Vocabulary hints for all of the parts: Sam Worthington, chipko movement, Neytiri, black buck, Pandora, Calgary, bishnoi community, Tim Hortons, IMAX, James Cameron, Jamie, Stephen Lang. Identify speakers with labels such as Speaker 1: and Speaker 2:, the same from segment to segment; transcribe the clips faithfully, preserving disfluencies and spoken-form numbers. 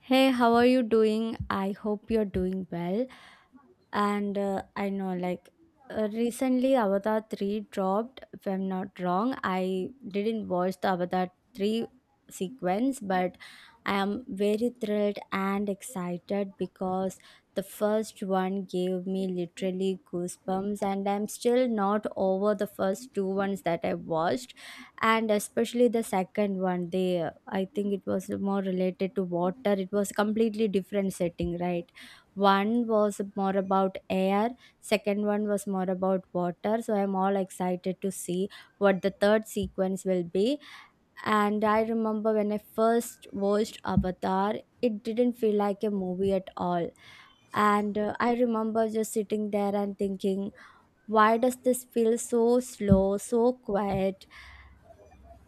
Speaker 1: Hey, how are you doing? I hope you're doing well and uh, I know, like, uh, recently Avatar three dropped. If I'm not wrong, I didn't watch the Avatar three sequence, but I am very thrilled and excited because the first one gave me literally goosebumps and I'm still not over the first two ones that I watched. And especially the second one, they, I think it was more related to water. It was completely different setting, right? One was more about air, second one was more about water. So I'm all excited to see what the third sequence will be. And I remember when I first watched Avatar, it didn't feel like a movie at all. And uh, I remember just sitting there and thinking, why does this feel so slow, so quiet?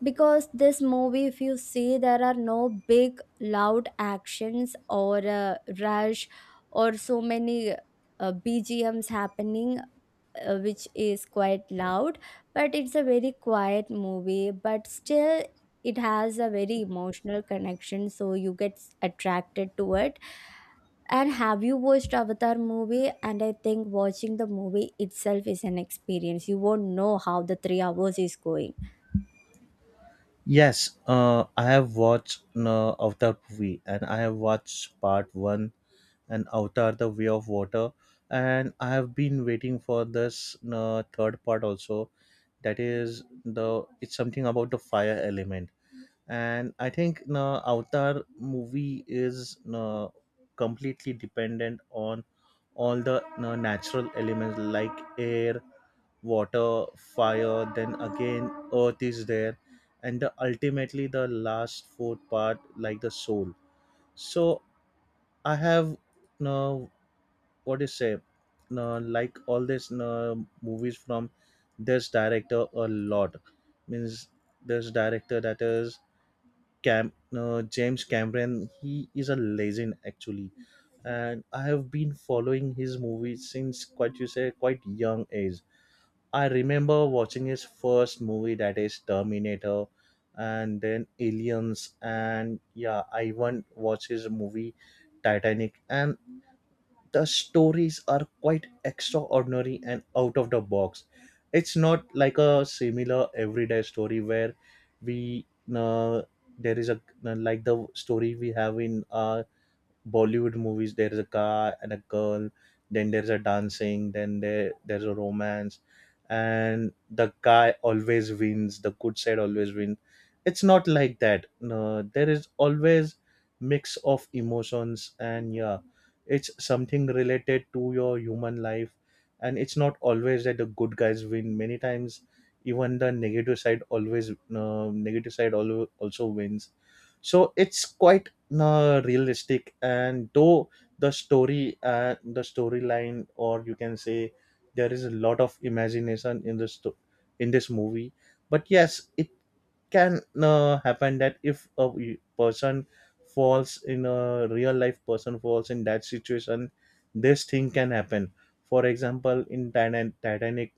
Speaker 1: Because this movie, if you see, there are no big loud actions or uh, rush or so many uh, bgms happening, uh, which is quite loud. But it's a very quiet movie, but still it has a very emotional connection, so you get s- attracted to it. And have you watched Avatar movie? And I think watching the movie itself is an experience. You won't know how the three hours is going.
Speaker 2: Yes, uh, I have watched uh, Avatar movie, and I have watched part one and Avatar the Way of Water, and I have been waiting for this uh, third part also. That is the it's something about the fire element. And I think uh, Avatar movie is uh, completely dependent on all the uh, natural elements like air, water, fire, then again earth is there, and the, ultimately the last fourth part, like the soul. So I have no, what do you say, no, like all this, no, movies from this director a lot. Means this director, that is, Cam, no, James Cameron. He is a legend, actually, and I have been following his movies since, quite, you say, quite young age. I remember watching his first movie, that is Terminator, and then Aliens, and yeah, I even watched his movie Titanic, and the stories are quite extraordinary and out of the box. It's not like a similar everyday story where we uh, there is a, like the story we have in uh, Bollywood movies, there is a guy and a girl, then there's a dancing, then there there's a romance, and the guy always wins. The good side always wins. It's not like that. No, there is always mix of emotions, and yeah, it's something related to your human life, and it's not always that the good guys win. Many times, even the negative side, always uh, negative side, al- also wins, so it's quite uh, realistic. And though the story uh, the storyline, or you can say, there is a lot of imagination in this sto- in this movie, but yes, it can uh, happen that if a we- person falls in, a real life person falls in that situation, this thing can happen. For example, in Titan- titanic,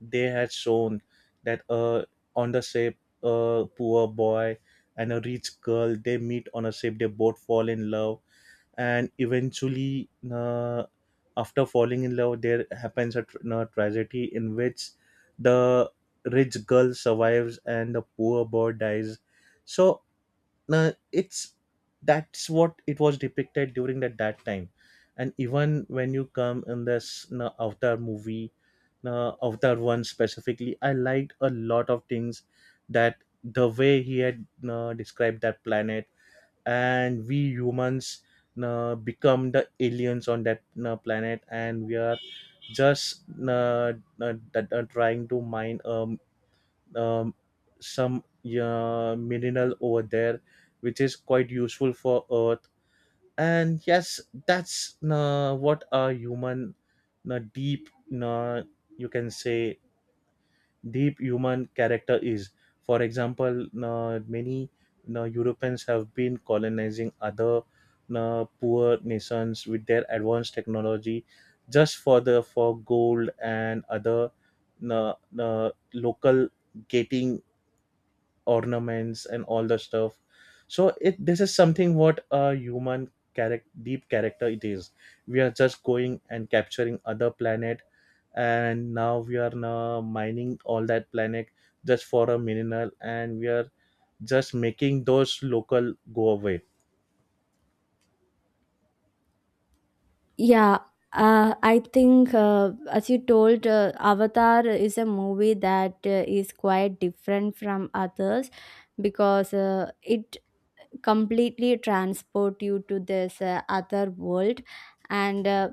Speaker 2: they had shown that uh, on the ship, a poor boy and a rich girl, they meet on a ship, they both fall in love, and eventually uh, after falling in love, there happens a, tr a tragedy in which the rich girl survives and the poor boy dies. So uh, it's that's what it was depicted during that that time. And even when you come in this, you know, Avatar movie, uh, Avatar one specifically, I liked a lot of things, that the way he had uh, described that planet, and we humans uh, become the aliens on that uh, planet, and we are just uh, uh, that are trying to mine um, um, some uh, mineral over there, which is quite useful for Earth. And yes, that's uh, what a human, uh, deep, uh, you can say, deep human character is. For example, uh, many uh, Europeans have been colonizing other uh, poor nations with their advanced technology, just for the for gold and other uh, uh, local, getting ornaments and all the stuff. So it this is something, what a human character, deep character, it is. We are just going and capturing other planet, and now we are now mining all that planet just for a mineral, and we are just making those local go away.
Speaker 1: Yeah, uh, I think uh, as you told, uh, Avatar is a movie that uh, is quite different from others because uh, it completely transport you to this uh, other world. And uh,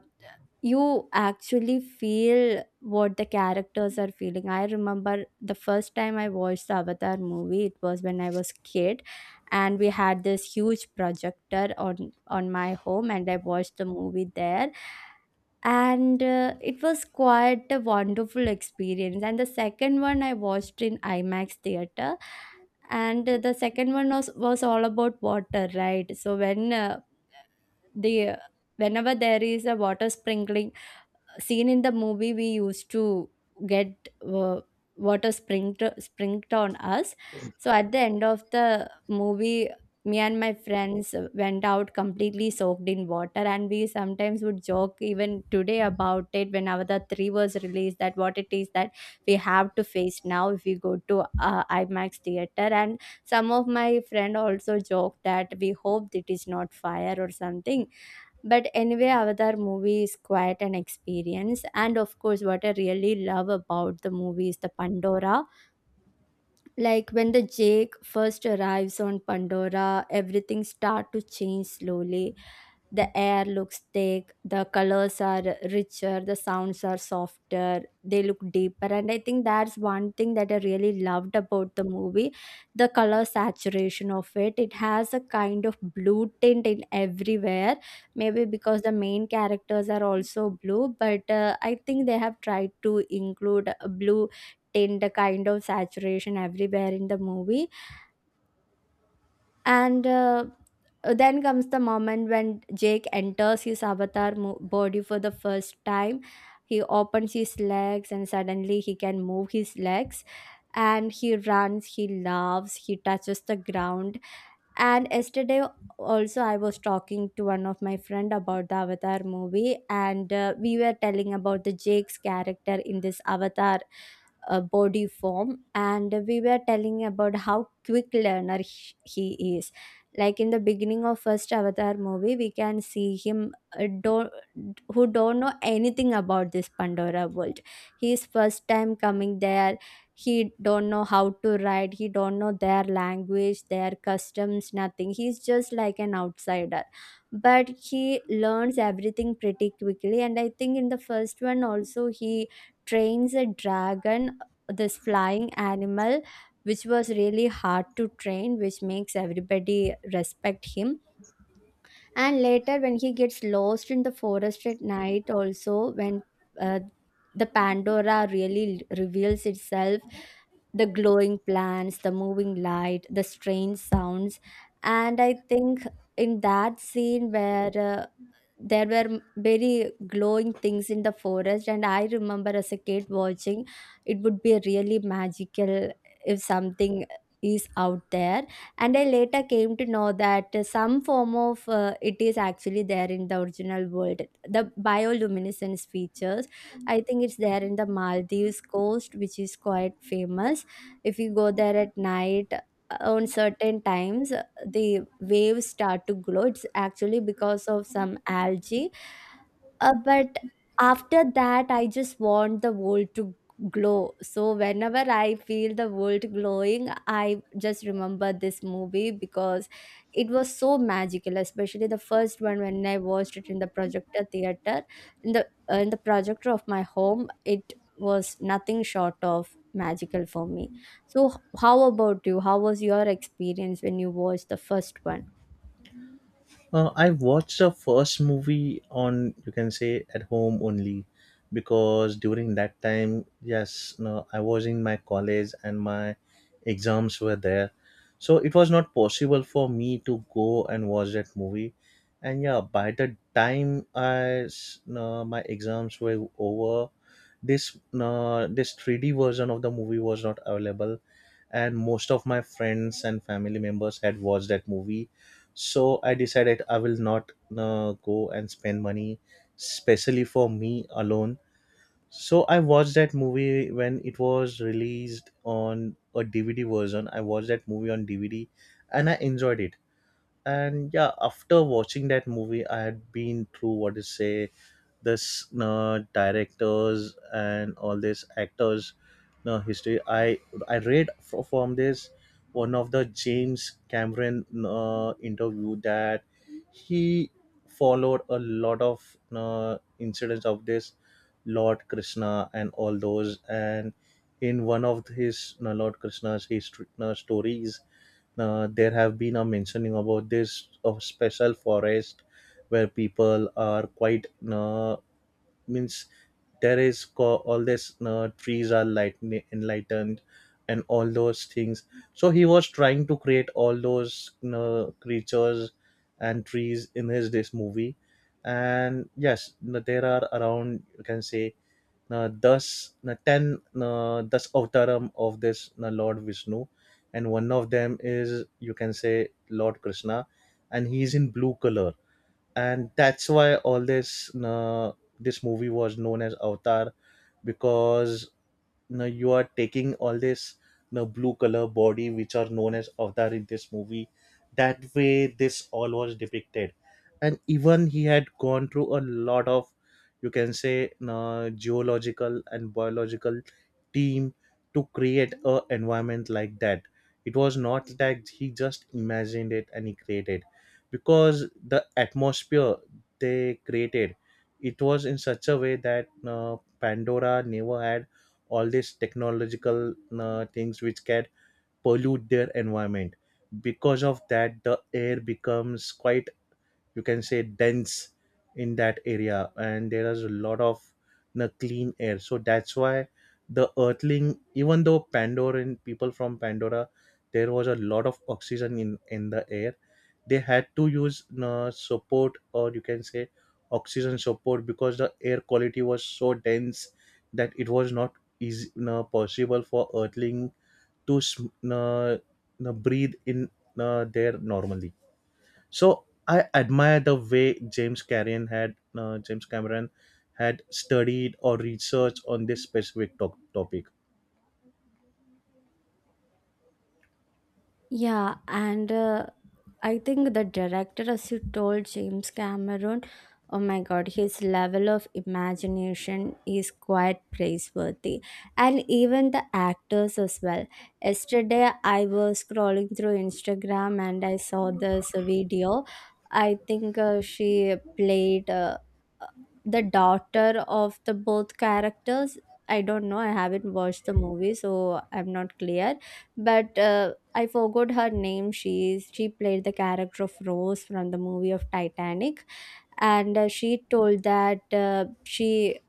Speaker 1: you actually feel what the characters are feeling. I remember the first time I watched the Avatar movie, it was when I was kid, and we had this huge projector on on my home, and I watched the movie there. And uh, it was quite a wonderful experience. And the second one I watched in IMAX theater. And uh, the second one was was all about water, right? So when uh, the whenever there is a water sprinkling scene in the movie, we used to get uh, water sprinkled sprinkled on us. So at the end of the movie, me and my friends went out completely soaked in water, and we sometimes would joke even today about it. When Avatar three was released, that what it is that we have to face now if we go to uh, IMAX theater. And some of my friend also joked that we hoped it is not fire or something. But anyway, Avatar movie is quite an experience. And of course, what I really love about the movie is the Pandora. Like when the Jake first arrives on Pandora, everything start to change slowly. The air looks thick, the colors are richer, the sounds are softer, they look deeper. And I think that's one thing that I really loved about the movie, the color saturation of it. It has a kind of blue tint in everywhere, maybe because the main characters are also blue, but uh, I think they have tried to include a blue tint, a kind of saturation everywhere in the movie. And uh, then comes the moment when Jake enters his avatar mo- body for the first time. He opens his legs and suddenly he can move his legs, and he runs, he laughs, he touches the ground. And yesterday also I was talking to one of my friend about the Avatar movie. And uh, we were telling about the Jake's character in this avatar uh, body form. And we were telling about how quick learner he he is. Like in the beginning of first Avatar movie, we can see him, uh, don't, who don't know anything about this Pandora world. He is first time coming there. He don't know how to write, he don't know their language, their customs, nothing. He's just like an outsider, but he learns everything pretty quickly. And I think in the first one also, he trains a dragon, this flying animal, which was really hard to train, which makes everybody respect him. And later, when he gets lost in the forest at night also, when uh, the Pandora really l- reveals itself, the glowing plants, the moving light, the strange sounds. And I think in that scene where uh, there were m- very glowing things in the forest. And I remember as a kid watching, it would be really magical if something is out there. And I later came to know that some form of uh, it is actually there in the original world, the bioluminescence features. I think it's there in the Maldives coast, which is quite famous. If you go there at night, uh, on certain times, the waves start to glow. It's actually because of some algae. Uh, but after that, I just want the world to glow. So whenever I feel the world glowing, I just remember this movie because it was so magical. Especially the first one, when I watched it in the projector theater, in the uh, in the projector of my home, it was nothing short of magical for me. So, h- how about you? How was your experience when you watched the first one?
Speaker 2: Uh, I watched the first movie on, you can say, at home only, because during that time, yes, no, I was in my college and my exams were there. So it was not possible for me to go and watch that movie. And yeah, by the time I s- no, my exams were over, this no, this three D version of the movie was not available, and most of my friends and family members had watched that movie. So I decided I will not uh, go and spend money specially for me alone. So I watched that movie when it was released on a DVD version. I watched that movie on DVD, and I enjoyed it. And yeah, after watching that movie, I had been through, what is, say, this, you, directors and all these actors, you, history. I i read fro- from this, one of the James Cameron, you, interview, that he followed a lot of, you, incidents of this Lord Krishna and all those. And in one of his, you, Lord Krishna's history, you, stories, uh, there have been a mentioning about this, of special forest, where people are quite uh, means there is co- all this uh, trees are light, enlightened, and all those things. So he was trying to create all those uh, creatures and trees in his, this movie. And yes, there are around, you can say, uh, thus uh, ten uh, thus avtaram of this uh, Lord Vishnu, and one of them is, you can say, Lord Krishna, and he is in blue color. And that's why all this uh, this movie was known as Avatar, because now you are taking all this, the blue color body, which are known as avatar in this movie. That way, this all was depicted. And even he had gone through a lot of, you can say, uh, geological and biological team to create a environment like that. It was not that he just imagined it and he created, because the atmosphere they created, it was in such a way that uh, Pandora never had all these technological uh, things which can pollute their environment. Because of that, the air becomes quite, you can say, dense in that area, and there is a lot of uh, clean air. So that's why the earthling, even though Pandoran, people from Pandora, there was a lot of oxygen in in the air, they had to use uh, support, or you can say, oxygen support, because the air quality was so dense that it was not easy uh, possible for earthling to sm- uh, uh, breathe in uh, there normally. So I admire the way james Cameron had uh, James Cameron had studied or researched on this specific to- topic.
Speaker 1: Yeah, and uh, I think the director, as you told, James Cameron, oh my god, his level of imagination is quite praiseworthy, and even the actors as well. Yesterday, I was scrolling through Instagram and I saw this video. I think uh, she played. Uh, the daughter of the both characters, I don't know, I haven't watched the movie so I'm not clear. But uh, I forgot her name. She's she played the character of Rose from the movie of Titanic. And uh, she told that uh, she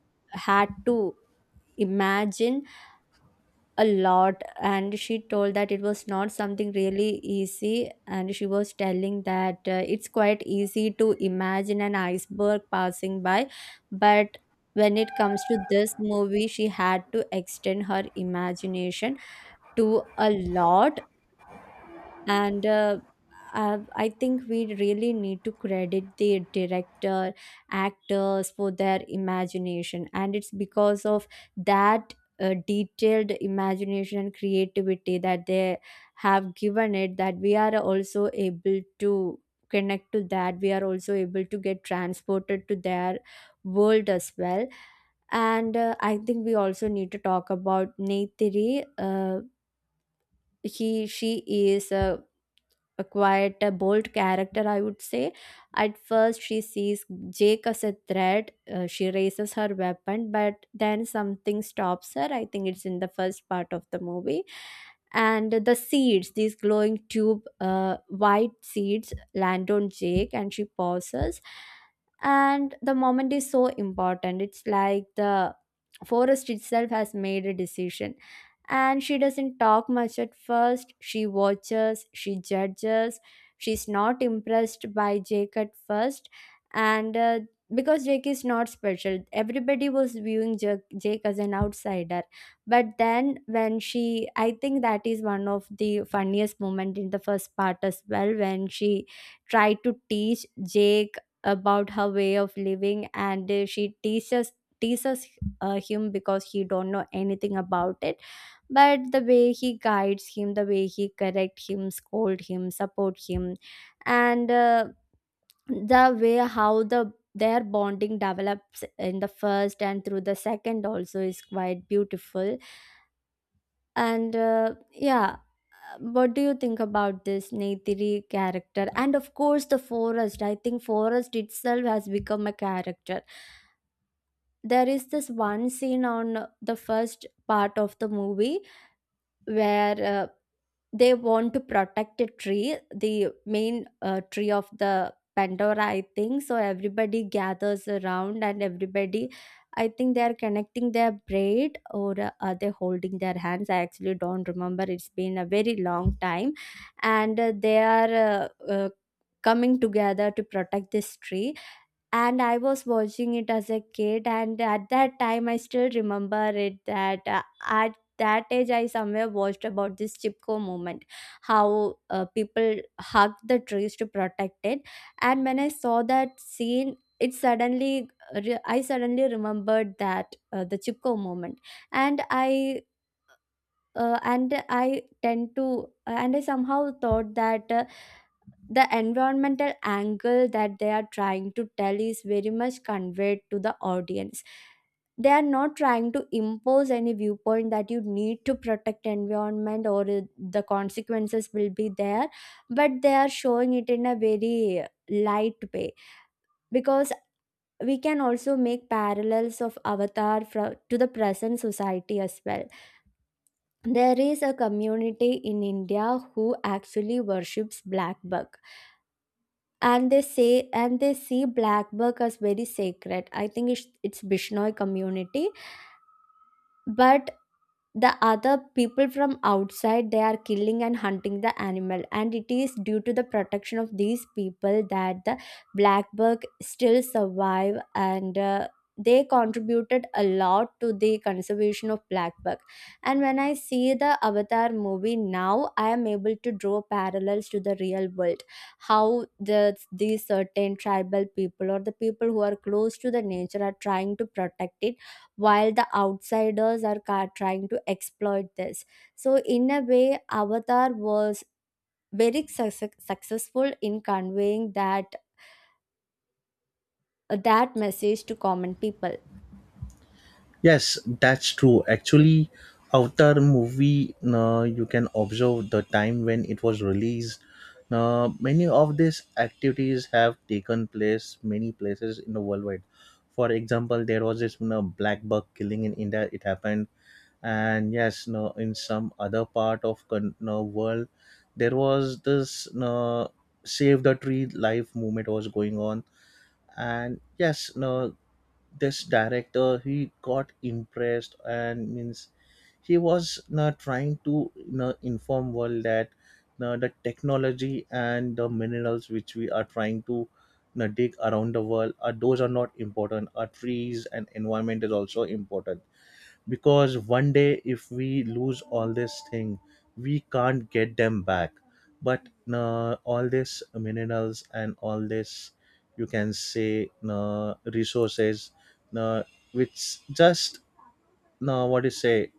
Speaker 1: had to imagine a lot. And she told that it was not something really easy. And she was telling that uh, it's quite easy to imagine an iceberg passing by, but when it comes to this movie, she had to extend her imagination to a lot. And uh, uh, I think we really need to credit the director, actors for their imagination. And it's because of that uh, detailed imagination and creativity that they have given it, that we are also able to connect to that, we are also able to get transported to their world as well. And uh, I think we also need to talk about Neytiri. uh, he she is a a quite a bold character, I would say. At first, she sees Jake as a threat. Uh, she raises her weapon, but then something stops her. I think it's in the first part of the movie. And the seeds, these glowing tube, uh, white seeds, land on Jake, and she pauses. And the moment is so important. It's like the forest itself has made a decision. And she doesn't talk much at first. She watches, she judges, she's not impressed by Jake at first. And uh, because Jake is not special, everybody was viewing Jake, Jake as an outsider. But then, when she, I think that is one of the funniest moment in the first part as well, when she tried to teach Jake about her way of living, and uh, she teaches teases uh, him because he don't know anything about it. But the way he guides him, the way he correct him, scold him, support him, and uh, the way how the their bonding develops in the first and through the second also is quite beautiful. And uh, yeah what do you think about this Neytiri character? And of course, the forest. I think forest itself has become a character. There is this one scene on the first part of the movie where uh, they want to protect a tree, the main uh, tree of the Pandora, I think. So everybody gathers around and everybody, I think they are connecting their braid or uh, are they holding their hands? I actually don't remember. It's been a very long time. And uh, they are uh, uh, coming together to protect this tree, and I was watching it as a kid, and at that time I still remember it that uh, at that age I somewhere watched about this Chipko movement, how uh, people hugged the trees to protect it. And when I saw that scene, it suddenly uh, re- I suddenly remembered that uh, the Chipko movement. And I uh, and I tend to and I somehow thought that uh, the environmental angle that they are trying to tell is very much conveyed to the audience. They are not trying to impose any viewpoint that you need to protect environment, or uh, the consequences will be there, but they are showing it in a very light way. Because we can also make parallels of Avatar from to the present society as well. There is a community in India who actually worships black buck, and they say and they see black buck as very sacred. I think it's, it's Bishnoi community. But the other people from outside, they are killing and hunting the animal, and it is due to the protection of these people that the blackbird still survive. And uh, they contributed a lot to the conservation of blackbird. And when I see the Avatar movie now, I am able to draw parallels to the real world, how the these certain tribal people or the people who are close to the nature are trying to protect it, while the outsiders are ca- trying to exploit this. So, in a way, Avatar was very success successful in conveying that that message to common people.
Speaker 2: Yes, that's true. Actually, Avatar movie, uh, you can observe the time when it was released. Uh, many of these activities have taken place many places in the worldwide. For example, there was this, you know, black buck killing in India. It happened. And yes, no, in some other part of con- no, world, there was this, no, save the tree life movement was going on. And yes, no, this director, he got impressed, and means he was uh, trying to, you know, inform world that uh, the technology and the minerals which we are trying to, you know, dig around the world, are those, are not important, our trees and environment is also important, because one day if we lose all this thing, we can't get them back. But uh, all these minerals and all this, you can say, uh, resources, uh, which just, uh, what do you say,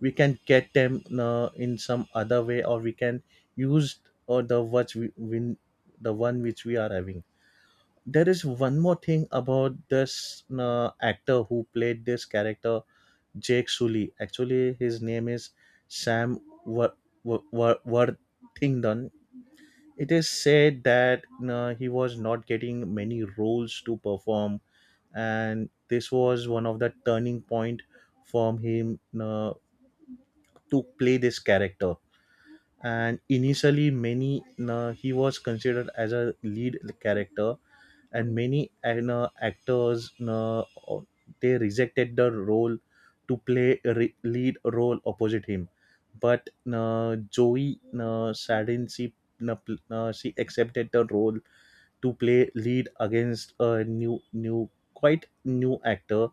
Speaker 2: we can get them uh, in some other way, or we can use, or the what we win, the one which we are having. There is one more thing about this uh, actor who played this character, Jake Sully. Actually, his name is Sam Wor- Wor- Wor- Worthington. It is said that uh, he was not getting many roles to perform, and this was one of the turning point for him uh, to play this character. And initially, many uh, he was considered as a lead character, and many and, uh, actors uh, they rejected the role to play a re- lead role opposite him. But uh, Joey uh, Sadin, she, uh, pl- uh, she accepted the role to play lead against a new new quite new actor.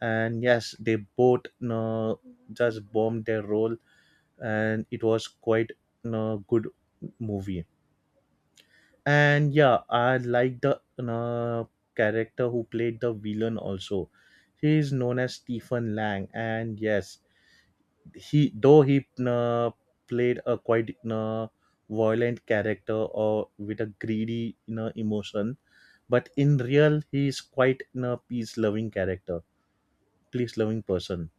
Speaker 2: And yes, they both uh, just bombed their role, and it was quite a good movie. And yeah, I like the uh, character who played the villain also. He is known as Stephen Lang. And yes, he though he uh, played a quite uh, violent character, or with a greedy, you know, emotion, but in real he is quite a peace loving character peace loving person.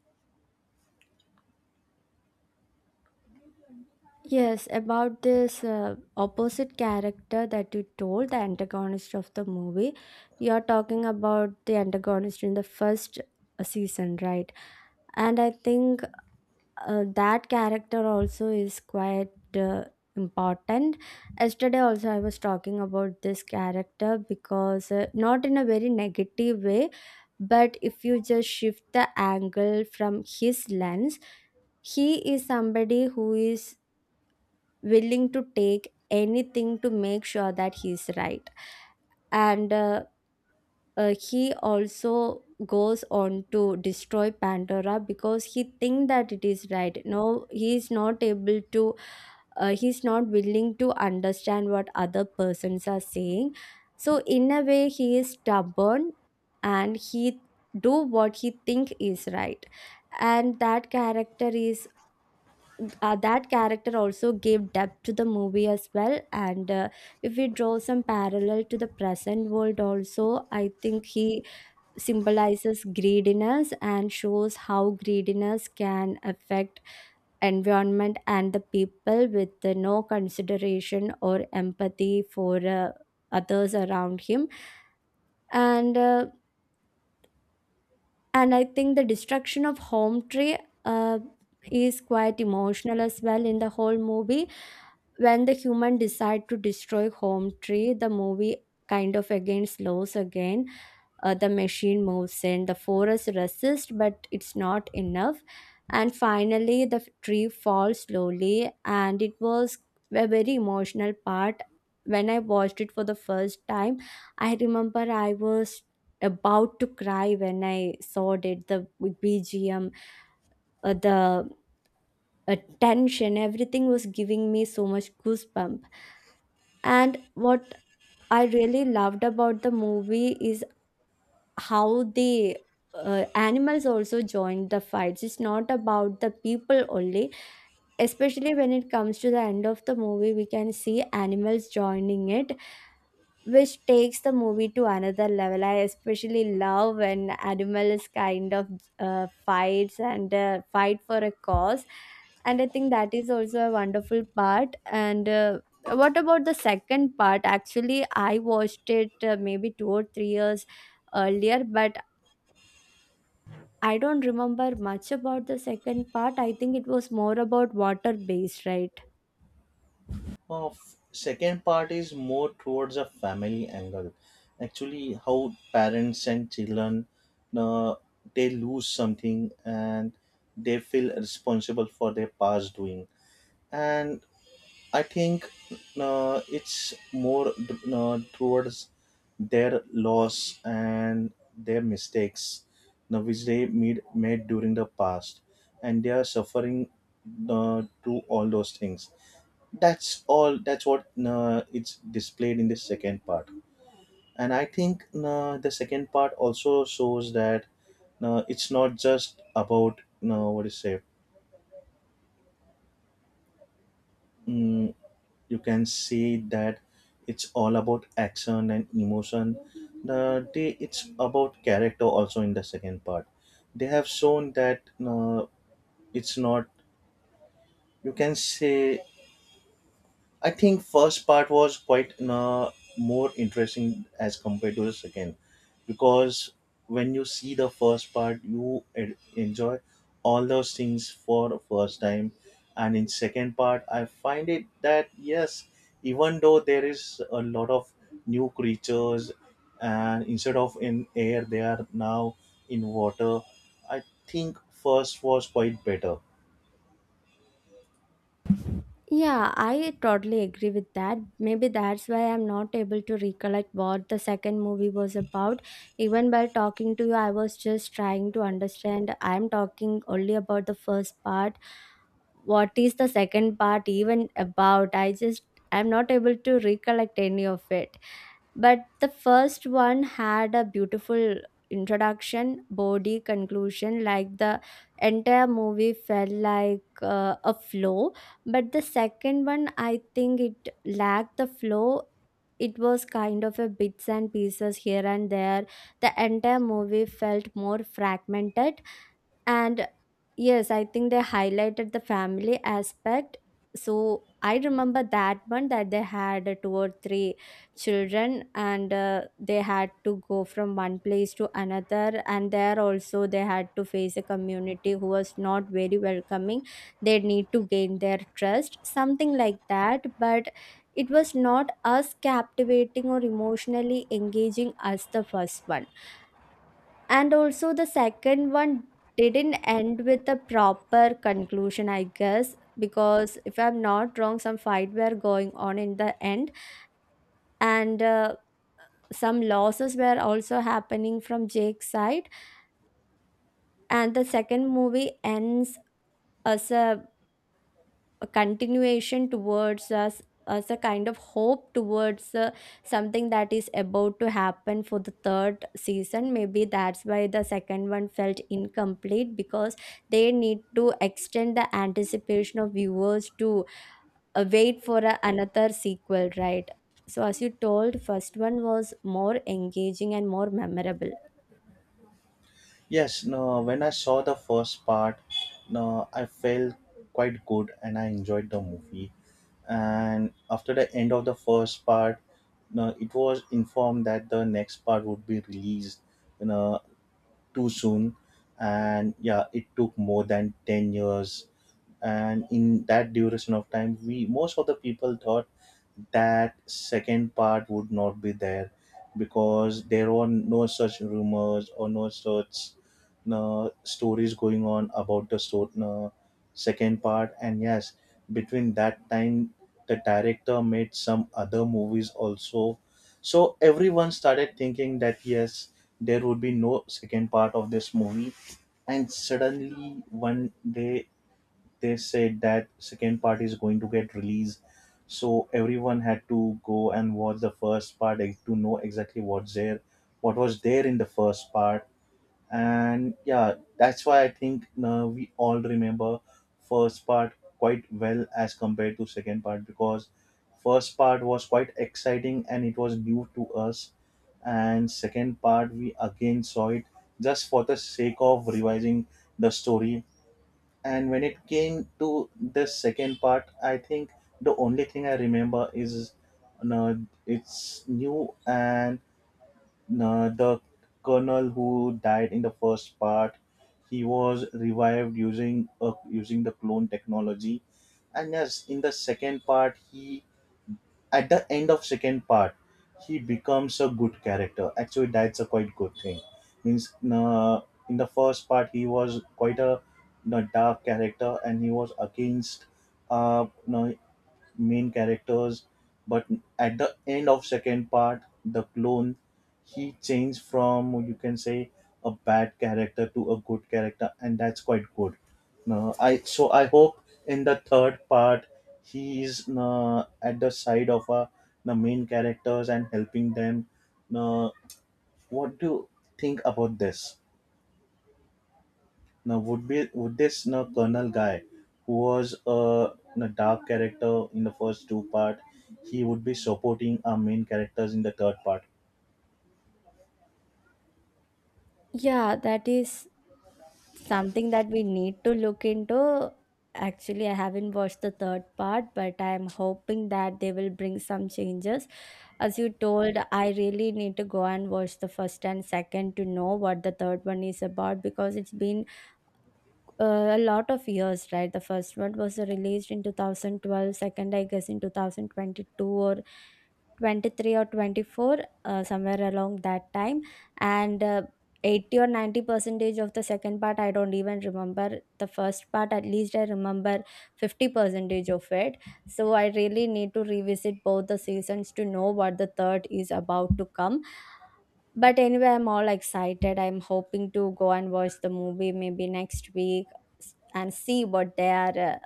Speaker 1: Yes, about this uh, opposite character that you told, the antagonist of the movie. You're talking about the antagonist in the first uh, season, right? And I think uh, that character also is quite uh, important. Yesterday also I was talking about this character, because uh, not in a very negative way, but if you just shift the angle from his lens, he is somebody who is willing to take anything to make sure that he's right. And uh, uh, he also goes on to destroy Pandora because he think that it is right. No, he is not able to uh, he's not willing to understand what other persons are saying. So in a way, he is stubborn, and he do what he think is right. And that character is uh, that character also gave depth to the movie as well. And uh, if we draw some parallel to the present world also, I think he symbolizes greediness and shows how greediness can affect environment and the people with uh, no consideration or empathy for uh, others around him. And uh, and I think the destruction of home tree uh, is quite emotional as well in the whole movie. When the human decide to destroy home tree, the movie kind of again slows again. Uh, the machine moves in, the forest resists, but it's not enough. And finally the f- tree falls slowly, and it was a very emotional part. When I watched it for the first time, I remember I was about to cry when I saw it. The BGM, uh, the uh, tension, everything was giving me so much goosebump. And what I really loved about the movie is how the uh, animals also join the fights. It's not about the people only. Especially when it comes to the end of the movie, we can see animals joining it, which takes the movie to another level. I especially love when animals kind of uh, fights and uh, fight for a cause. And I think that is also a wonderful part. And uh, what about the second part? Actually I watched it uh, maybe two or three years earlier, but I don't remember much about the second part. I think it was more about water based, right?
Speaker 2: Uh, f- second part is more towards a family angle. Actually, how parents and children, uh, they lose something, and they feel responsible for their past doing. And I think uh, it's more uh, towards their loss and their mistakes, uh, which they made, made during the past, and they are suffering uh, through all those things. That's all. That's what uh, it's displayed in the second part, and I think uh, the second part also shows that uh, it's not just about, uh, what do you say. mm, you can say that it's all about action and emotion. the they, it's about character also in the second part. They have shown that uh, it's not, you can say, I think first part was quite uh, more interesting as compared to the second, because when you see the first part, you en- enjoy all those things for the first time, and in second part, I find it that yes, even though there is a lot of new creatures, and instead of in air, they are now in water. I think first was quite better.
Speaker 1: Yeah, I totally agree with that. Maybe that's why I'm not able to recollect what the second movie was about. Even while talking to you, I was just trying to understand. I'm talking only about the first part. What is the second part even about? I just, I'm not able to recollect any of it. But the first one had a beautiful introduction, body, conclusion. Like the entire movie felt like uh, a flow. But the second one, I think it lacked the flow. It was kind of a bits and pieces here and there. The entire movie felt more fragmented. And yes, I think they highlighted the family aspect. So I remember that one that they had uh, two or three children and uh, they had to go from one place to another. And there also they had to face a community who was not very welcoming. They need to gain their trust, something like that. But it was not as captivating or emotionally engaging as the first one. And also the second one didn't end with a proper conclusion, I guess, because if I'm not wrong, some fight were going on in the end. And uh, some losses were also happening from Jake's side. And the second movie ends as a a continuation towards us, as a kind of hope towards uh, something that is about to happen for the third season. Maybe that's why the second one felt incomplete, because they need to extend the anticipation of viewers to uh, wait for a, another sequel, right? So as you told, first one was more engaging and more memorable.
Speaker 2: Yes, no, when I saw the first part, no, I felt quite good and I enjoyed the movie. And after the end of the first part, no, it was informed that the next part would be released, you know, too soon. And yeah, it took more than ten years, and in that duration of time, we most of the people thought that second part would not be there, because there were no such rumors or no such no, stories going on about the, so, no, second part. And yes, between that time, the director made some other movies also. So everyone started thinking that yes, there would be no second part of this movie. And suddenly one day, they said that second part is going to get released. So everyone had to go and watch the first part, eh, to know exactly what's there what was there in the first part. And yeah, that's why I think uh, we all remember first part quite well as compared to second part, because first part was quite exciting and it was new to us. And second part, we again saw it just for the sake of revising the story. And when it came to the second part, I think the only thing I remember is, you know, it's new. And uh, the colonel who died in the first part, he was revived using uh, using the clone technology. And yes, in the second part, he at the end of second part, he becomes a good character. Actually, that's a quite good thing. Means, uh, in the first part, he was quite a, you know, dark character, and he was against, uh, you know, main characters. But at the end of second part, the clone, he changed from, you can say, a bad character to a good character. And that's quite good. No, I, so I hope in the third part he is uh, at the side of uh, the main characters and helping them. uh, what do you think about this, now, would be, would this now Colonel guy, who was a, a dark character in the first two part, he would be supporting our main characters in the third part?
Speaker 1: Yeah, that is something that we need to look into. Actually, I haven't watched the third part, but I'm hoping that they will bring some changes. As you told, I really need to go and watch the first and second to know what the third one is about, because it's been uh, a lot of years, right? The first one was released in two thousand twelve, second, I guess, in two thousand twenty-two or twenty-three or twenty-four, uh, somewhere along that time. And uh, eighty or ninety percentage of the second part, I don't even remember. The first part, at least, I remember fifty percentage of it. So I really need to revisit both the seasons to know what the third is about to come. But anyway, I'm all excited. I'm hoping to go and watch the movie maybe next week s- and see what they are, uh,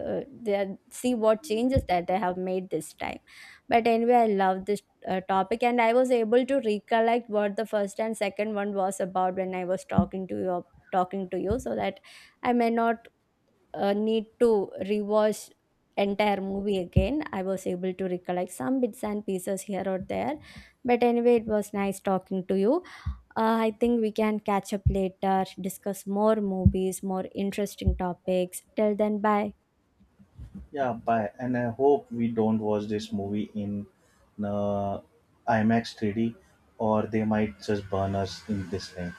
Speaker 1: uh, they are- see what changes that they have made this time. But anyway, I love this uh, topic, and I was able to recollect what the first and second one was about when I was talking to you, talking to you, so that I may not uh, need to rewatch entire movie again. I was able to recollect some bits and pieces here or there. But anyway, it was nice talking to you. uh, I think we can catch up later, discuss more movies, more interesting topics. Till then, bye.
Speaker 2: Yeah, bye. And I hope we don't watch this movie in uh, IMAX three D, or they might just burn us in this thing.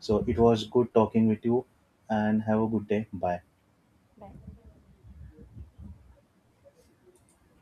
Speaker 2: So it was good talking with you, and have a good day. Bye.